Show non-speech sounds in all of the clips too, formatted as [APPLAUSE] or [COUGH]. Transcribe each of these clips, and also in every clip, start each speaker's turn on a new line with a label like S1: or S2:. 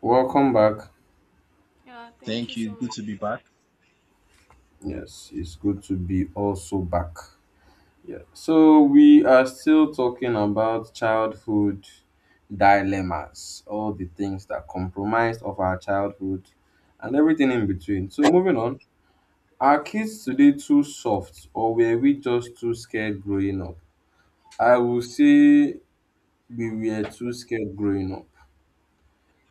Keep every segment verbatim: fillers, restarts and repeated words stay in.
S1: Welcome back.
S2: Yeah, thank you
S3: Thank
S2: so
S3: you. Good
S2: much.
S3: to be back.
S1: Yes, it's good to be also back. Yeah. So we are still talking about childhood dilemmas, all the things that compromised of our childhood and everything in between. So moving on, are kids today too soft or were we just too scared growing up? I will say we were too scared growing up.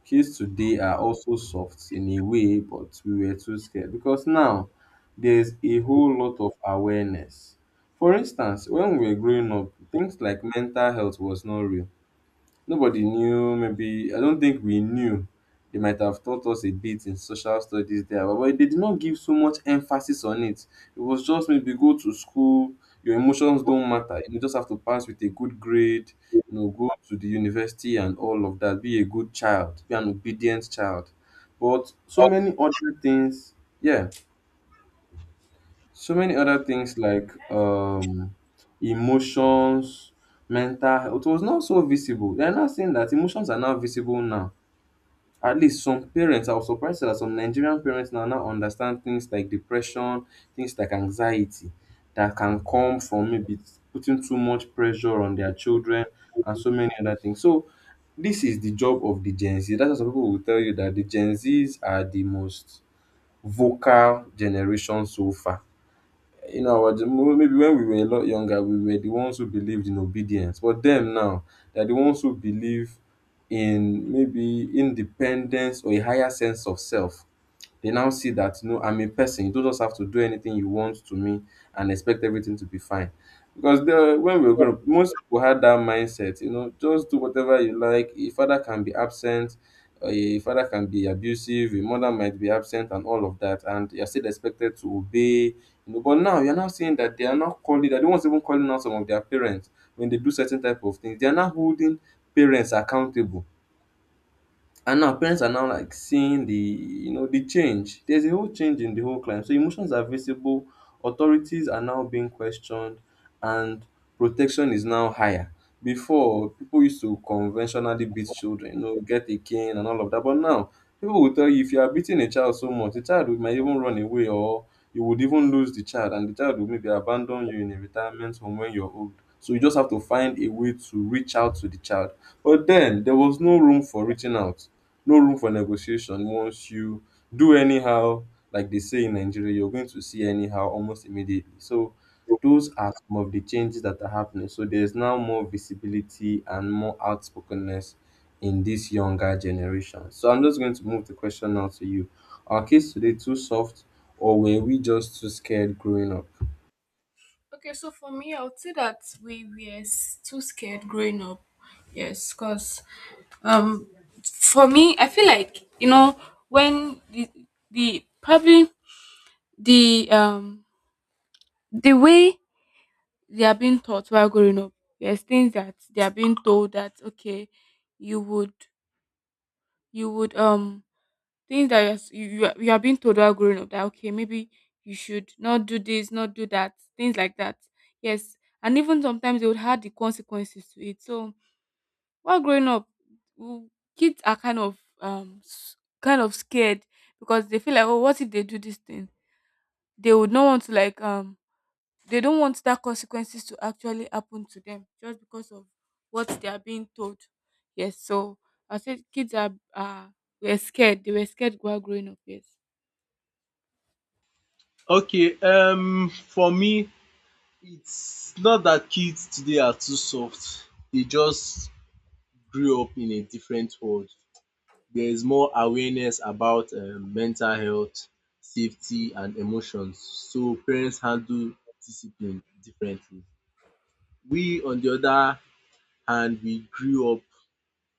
S1: Kids today are also soft in a way, but we were too scared because now there's a whole lot of awareness. For instance, when we were growing up, things like mental health was not real. Nobody knew, maybe, I don't think we knew. They might have taught us a bit in social studies there, but but they did not give so much emphasis on it. It was just maybe go to school, your emotions don't matter. You just have to pass with a good grade, you know, go to the university and all of that. Be a good child, be an obedient child. But so
S2: Oh,
S1: many other things, yeah, so many other things like um emotions, mental health was not so visible. They're not saying that emotions are now visible now, at least some parents. I was surprised that some Nigerian parents now now understand things like depression, things like anxiety that can come from maybe putting too much pressure on their children and so many other things. So this is the job of the Gen Z. That's why some people will tell you that the Gen Z's are the most vocal generation so far. you know, our gen- Maybe when we were a lot younger, we were the ones who believed in obedience. But them now, they're the ones who believe in maybe independence or a higher sense of self. They now see that no, I'm a person. You don't just have to do anything you want to me and expect everything to be fine. Because the when we were growing up, most people had that mindset, you know, just do whatever you like. A father can be absent, a father can be abusive, a mother might be absent, and all of that. And you're still expected to obey, you know. But now you're now seeing that they are not calling, that the ones even calling out some of their parents when they do certain type of things, they are now holding parents accountable, and now parents are now like seeing the you know the change. There's a whole change in the whole climb. So emotions are visible, authorities are now being questioned, and protection is now higher. Before, people used to conventionally beat children, you know, get a cane and all of that. But now people will tell you if you are beating a child so much, the child will might even run away, or you would even lose the child and the child will maybe abandon you in a retirement home when you're old. So you just have to find a way to reach out to the child. But then there was no room for reaching out, no room for negotiation. Once you do anyhow, like they say in Nigeria, you're going to see anyhow almost immediately. So those are some of the changes that are happening. So there's now more visibility and more outspokenness in this younger generation. So I'm just going to move the question now to you. Are kids today too soft or were we just too scared growing up?
S2: Okay, so for me, I would say that we were s- too scared growing up. Yes, because um, for me, I feel like you know when the the probably the um the way they are being taught while growing up. Yes, things that they are being told that okay, you would you would um things that you're, s- you you are- you are being told while growing up that okay maybe you should not do this not do that things like that, yes. And even sometimes they would have the consequences to it. So while growing up, w- kids are kind of um s- kind of scared because they feel like, oh, what if they do this thing? They would not want to like um, they don't want that consequences to actually happen to them just because of what they are being told, yes. So I said kids are are were scared. They were scared while growing up, yes.
S3: Okay, um, for me, it's not that kids today are too soft. They just grew up in a different world. There is more awareness about um, mental health, safety, and emotions. So parents handle discipline differently. We, on the other hand, we grew up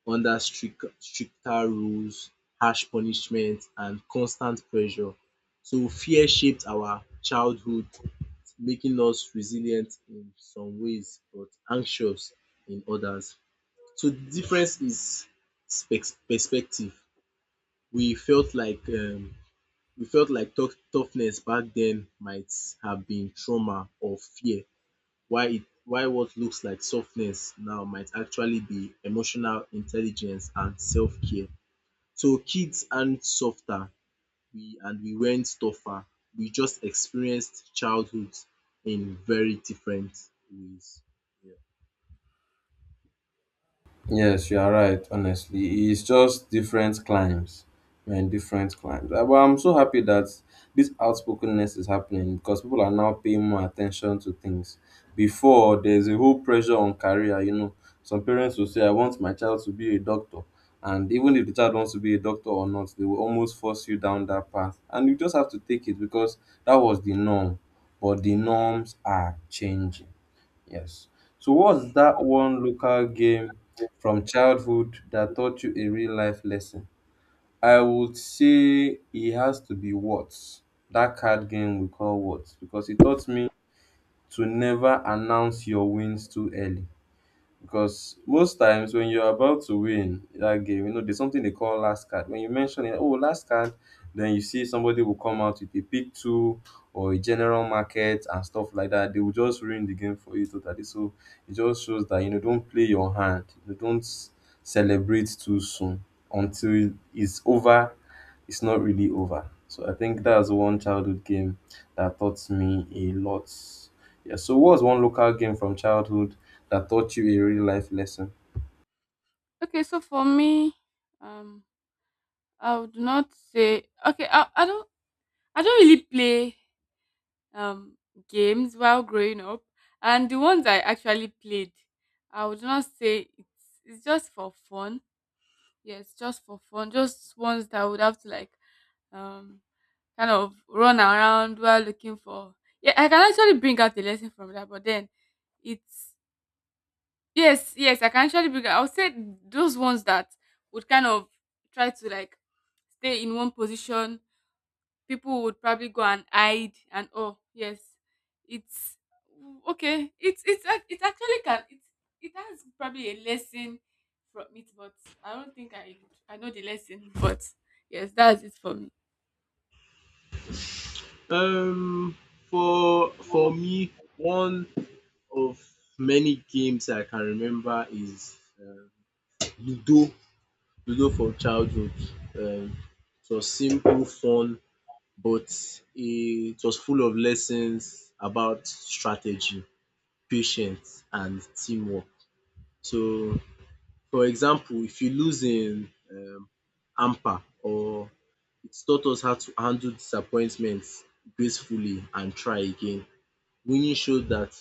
S3: under strict, stricter rules, harsh punishment, and constant pressure. So fear shaped our childhood, making us resilient in some ways but anxious in others. So the difference is perspective. We felt like um we felt like tough toughness back then might have been trauma or fear. Why? It while what looks like softness now might actually be emotional intelligence and self-care. So kids aren't softer, we and we went tougher. We just experienced childhood in very different ways. Yeah.
S1: Yes, you are right. Honestly, it's just different climes. We're in different climes. Uh, But I'm so happy that this outspokenness is happening because people are now paying more attention to things. Before, there's a whole pressure on career. You know, some parents will say, "I want my child to be a doctor," and even if the child wants to be a doctor or not, they will almost force you down that path, and you just have to take it because that was the norm. But the norms are changing. Yes. So what's that one local game from childhood that taught you a real life lesson? I would say it has to be Words. That card game we call Words, because it taught me to never announce your wins too early, because most times when you're about to win that game, you know, there's something they call last card. When you mention it, oh, last card, then you see somebody will come out with a pick two or a general market and stuff like that. They will just ruin the game for you totally. So it just shows that, you know, don't play your hand. You know, don't celebrate too soon until it's over. It's not really over. So I think that's one childhood game that taught me a lot. Yeah. So what was one local game from childhood that taught you a real life lesson?
S2: Okay, so for me, um, I would not say okay. I, I don't I don't really play um games while growing up, and the ones I actually played, I would not say it's it's just for fun. Yes, just for fun. Just ones that I would have to like um kind of run around while looking for. Yeah, I can actually bring out a lesson from that, but then it's Yes, yes, I can actually bring I would say those ones that would kind of try to like stay in one position. People would probably go and hide and, oh yes, it's okay. It's it's ac- it actually can it it has probably a lesson from it, but I don't think I I know the lesson. [LAUGHS] But yes, that's it for me.
S3: Um, for for me, one of many games I can remember is um Ludo. Ludo from childhood. Um, it was simple, fun, but it was full of lessons about strategy, patience, and teamwork. So for example, if you lose in um hamper or it's taught us how to handle disappointments gracefully and try again. Winning showed that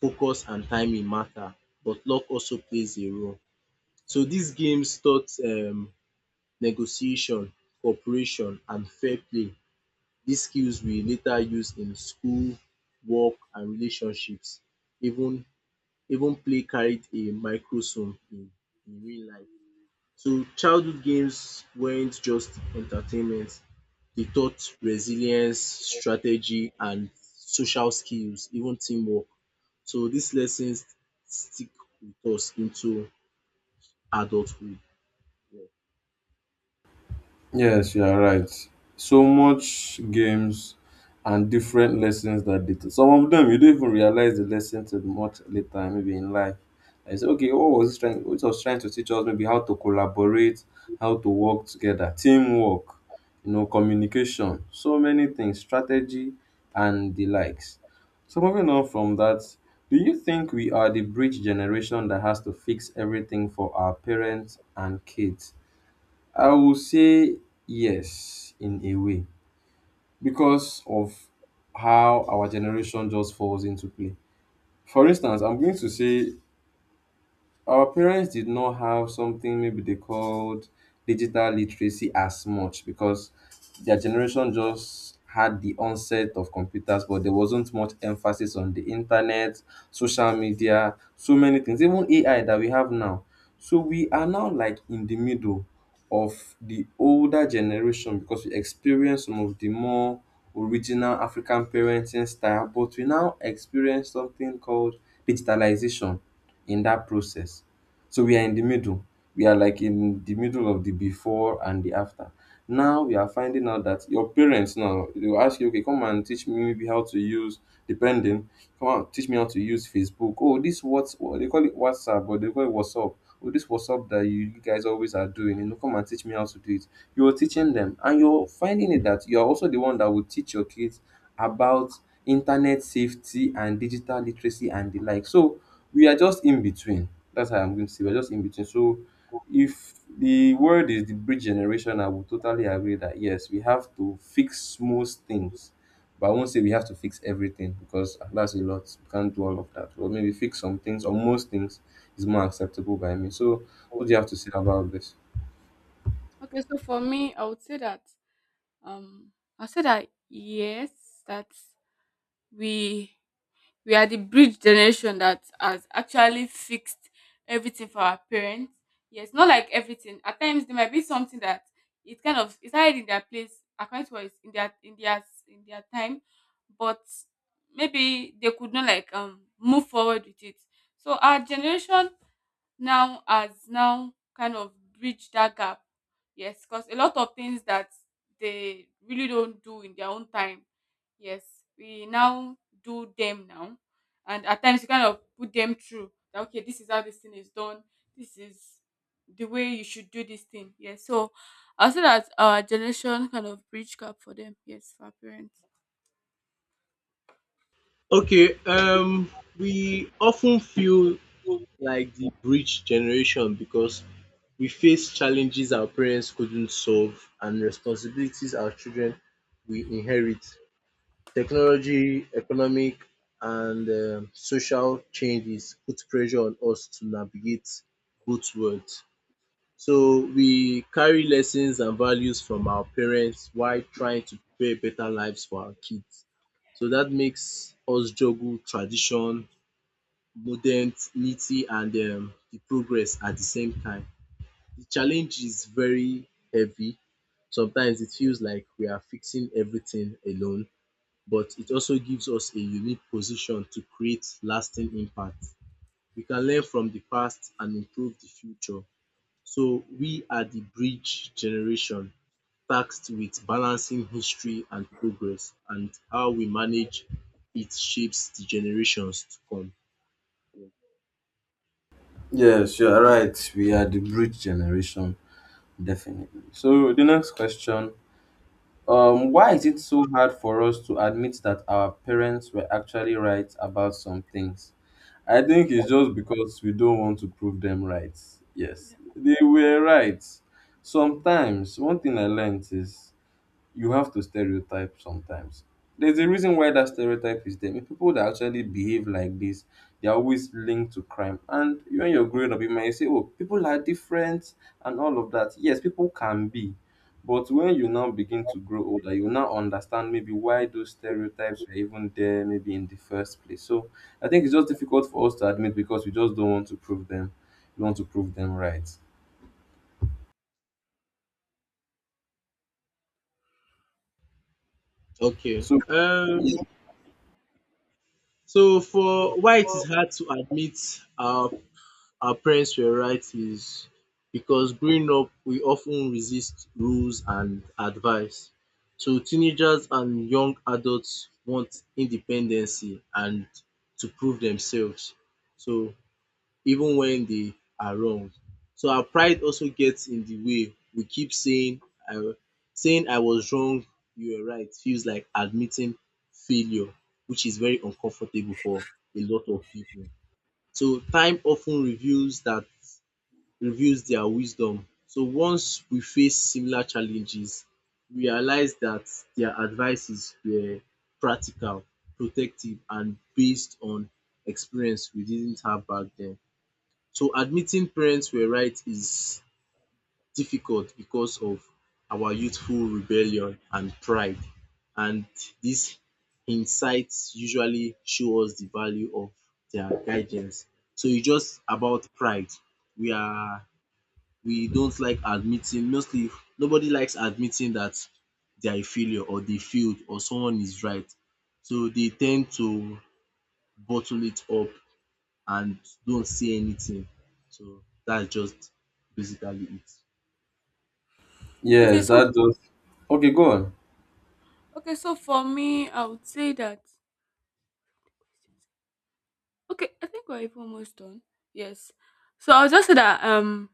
S3: focus and timing matter, but luck also plays a role. So these games taught um negotiation, cooperation and fair play. These skills we later use in school, work and relationships. Even even play carried a microsome in in real life. So childhood games weren't just entertainment, they taught resilience, strategy, and social skills, even teamwork. So these lessons stick with us into adulthood. Yeah.
S1: Yes, you are right. So much games and different lessons that they teach. Some of them you don't even realize the lesson till much later, maybe in life. I say, okay, what was this trying? What was trying to teach us? Maybe how to collaborate, how to work together, teamwork, you know, communication, so many things, strategy, and the likes. So moving on from that, do you think we are the bridge generation that has to fix everything for our parents and kids? I will say yes in a way, because of how our generation just falls into play. For instance, I'm going to say our parents did not have something maybe they called digital literacy as much, because their generation just had the onset of computers, but there wasn't much emphasis on the internet, social media, so many things, even A I that we have now. So we are now like in the middle of the older generation, because we experience some of the more original African parenting style, but we now experience something called digitalization in that process. So we are in the middle. We are like in the middle of the before and the after. Now we are finding out that your parents now they will ask you, okay, come and teach me maybe how to use depending, come on, teach me how to use Facebook. Oh, this what's what they call it WhatsApp, but they call it WhatsApp. Oh, this WhatsApp that you guys always are doing, you know, come and teach me how to do it. You're teaching them, and you're finding it that you're also the one that will teach your kids about internet safety and digital literacy and the like. So we are just in between. That's how I'm going to say we're just in between. So if the word is the bridge generation, I would totally agree that yes, we have to fix most things. But I won't say we have to fix everything because that's a lot. We can't do all of that. But maybe fix some things or most things is more acceptable by me. So what do you have to say about this?
S2: Okay, so for me, I would say that um I said that yes, that we we are the bridge generation that has actually fixed everything for our parents. Yes, not like everything. At times there might be something that it kind of is hiding in their place according to what is in their in their in their time, but maybe they could not like um move forward with it. So our generation now has now kind of bridged that gap. Yes, because a lot of things that they really don't do in their own time. Yes, we now do them now, and at times you kind of put them through. That, okay, this is how this thing is done. This is the way you should do this thing. Yes, so I say that our generation kind of bridge gap for them. Yes, for our parents.
S3: Okay, um, we often feel like the bridge generation because we face challenges our parents couldn't solve and responsibilities our children will inherit. Technology, economic, and um, social changes put pressure on us to navigate both worlds. So we carry lessons and values from our parents while trying to prepare better lives for our kids. So that makes us juggle tradition, modernity, and um, the progress at the same time. The challenge is very heavy. Sometimes it feels like we are fixing everything alone, but it also gives us a unique position to create lasting impact. We can learn from the past and improve the future. So we are the bridge generation tasked with balancing history and progress, and how we manage it shapes the generations to come.
S1: Yes, you're right. We are the bridge generation, definitely. So the next question. Um, why is it so hard for us to admit that our parents were actually right about some things? I think it's just because we don't want to prove them right. Yes,
S2: Yeah.
S1: they were right. Sometimes, one thing I learned is you have to stereotype sometimes. There's a reason why that stereotype is there. People that actually behave like this, they're always linked to crime. And you and you're growing up, you might say, oh, people are different and all of that. Yes, people can be. But when you now begin to grow older, you now understand maybe why those stereotypes were even there, maybe in the first place. So I think it's just difficult for us to admit because we just don't want to prove them. We want to prove them right.
S3: Okay.
S1: So,
S3: Um, so for why it is hard to admit our our parents were right is because growing up we often resist rules and advice. So teenagers and young adults want independency and to prove themselves. So even when they are wrong. So our pride also gets in the way. We keep saying I Saying I was wrong, you were right feels like admitting failure, which is very uncomfortable for a lot of people. So time often ten reveals dat reveals dia wisdom. So once we face similar challenges, we realise that their advices were practical, protective and based on experience we didn't have back then. So admitting parents were right is difficult because of our youthful rebellion and pride. And these insights usually show us the value of their guidance. So it's just about pride. We are we don't like admitting, mostly nobody likes admitting that they are a failure or they failed or someone is right. So they tend to bottle it up and don't say anything. So that's just basically it.
S2: Okay,
S1: yes,
S2: so
S1: that does. Okay, go on.
S2: okay, so for me, I would say that. Okay, I think we're even almost done. Yes. So I'll just say that um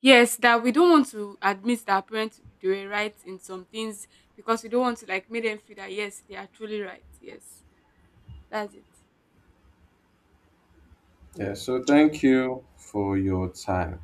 S2: yes, that we don't want to admit that our parents they were right in some things because we don't want to like make them feel that yes, they are truly right. Yes. That's it.
S1: Yeah, so thank you for your time.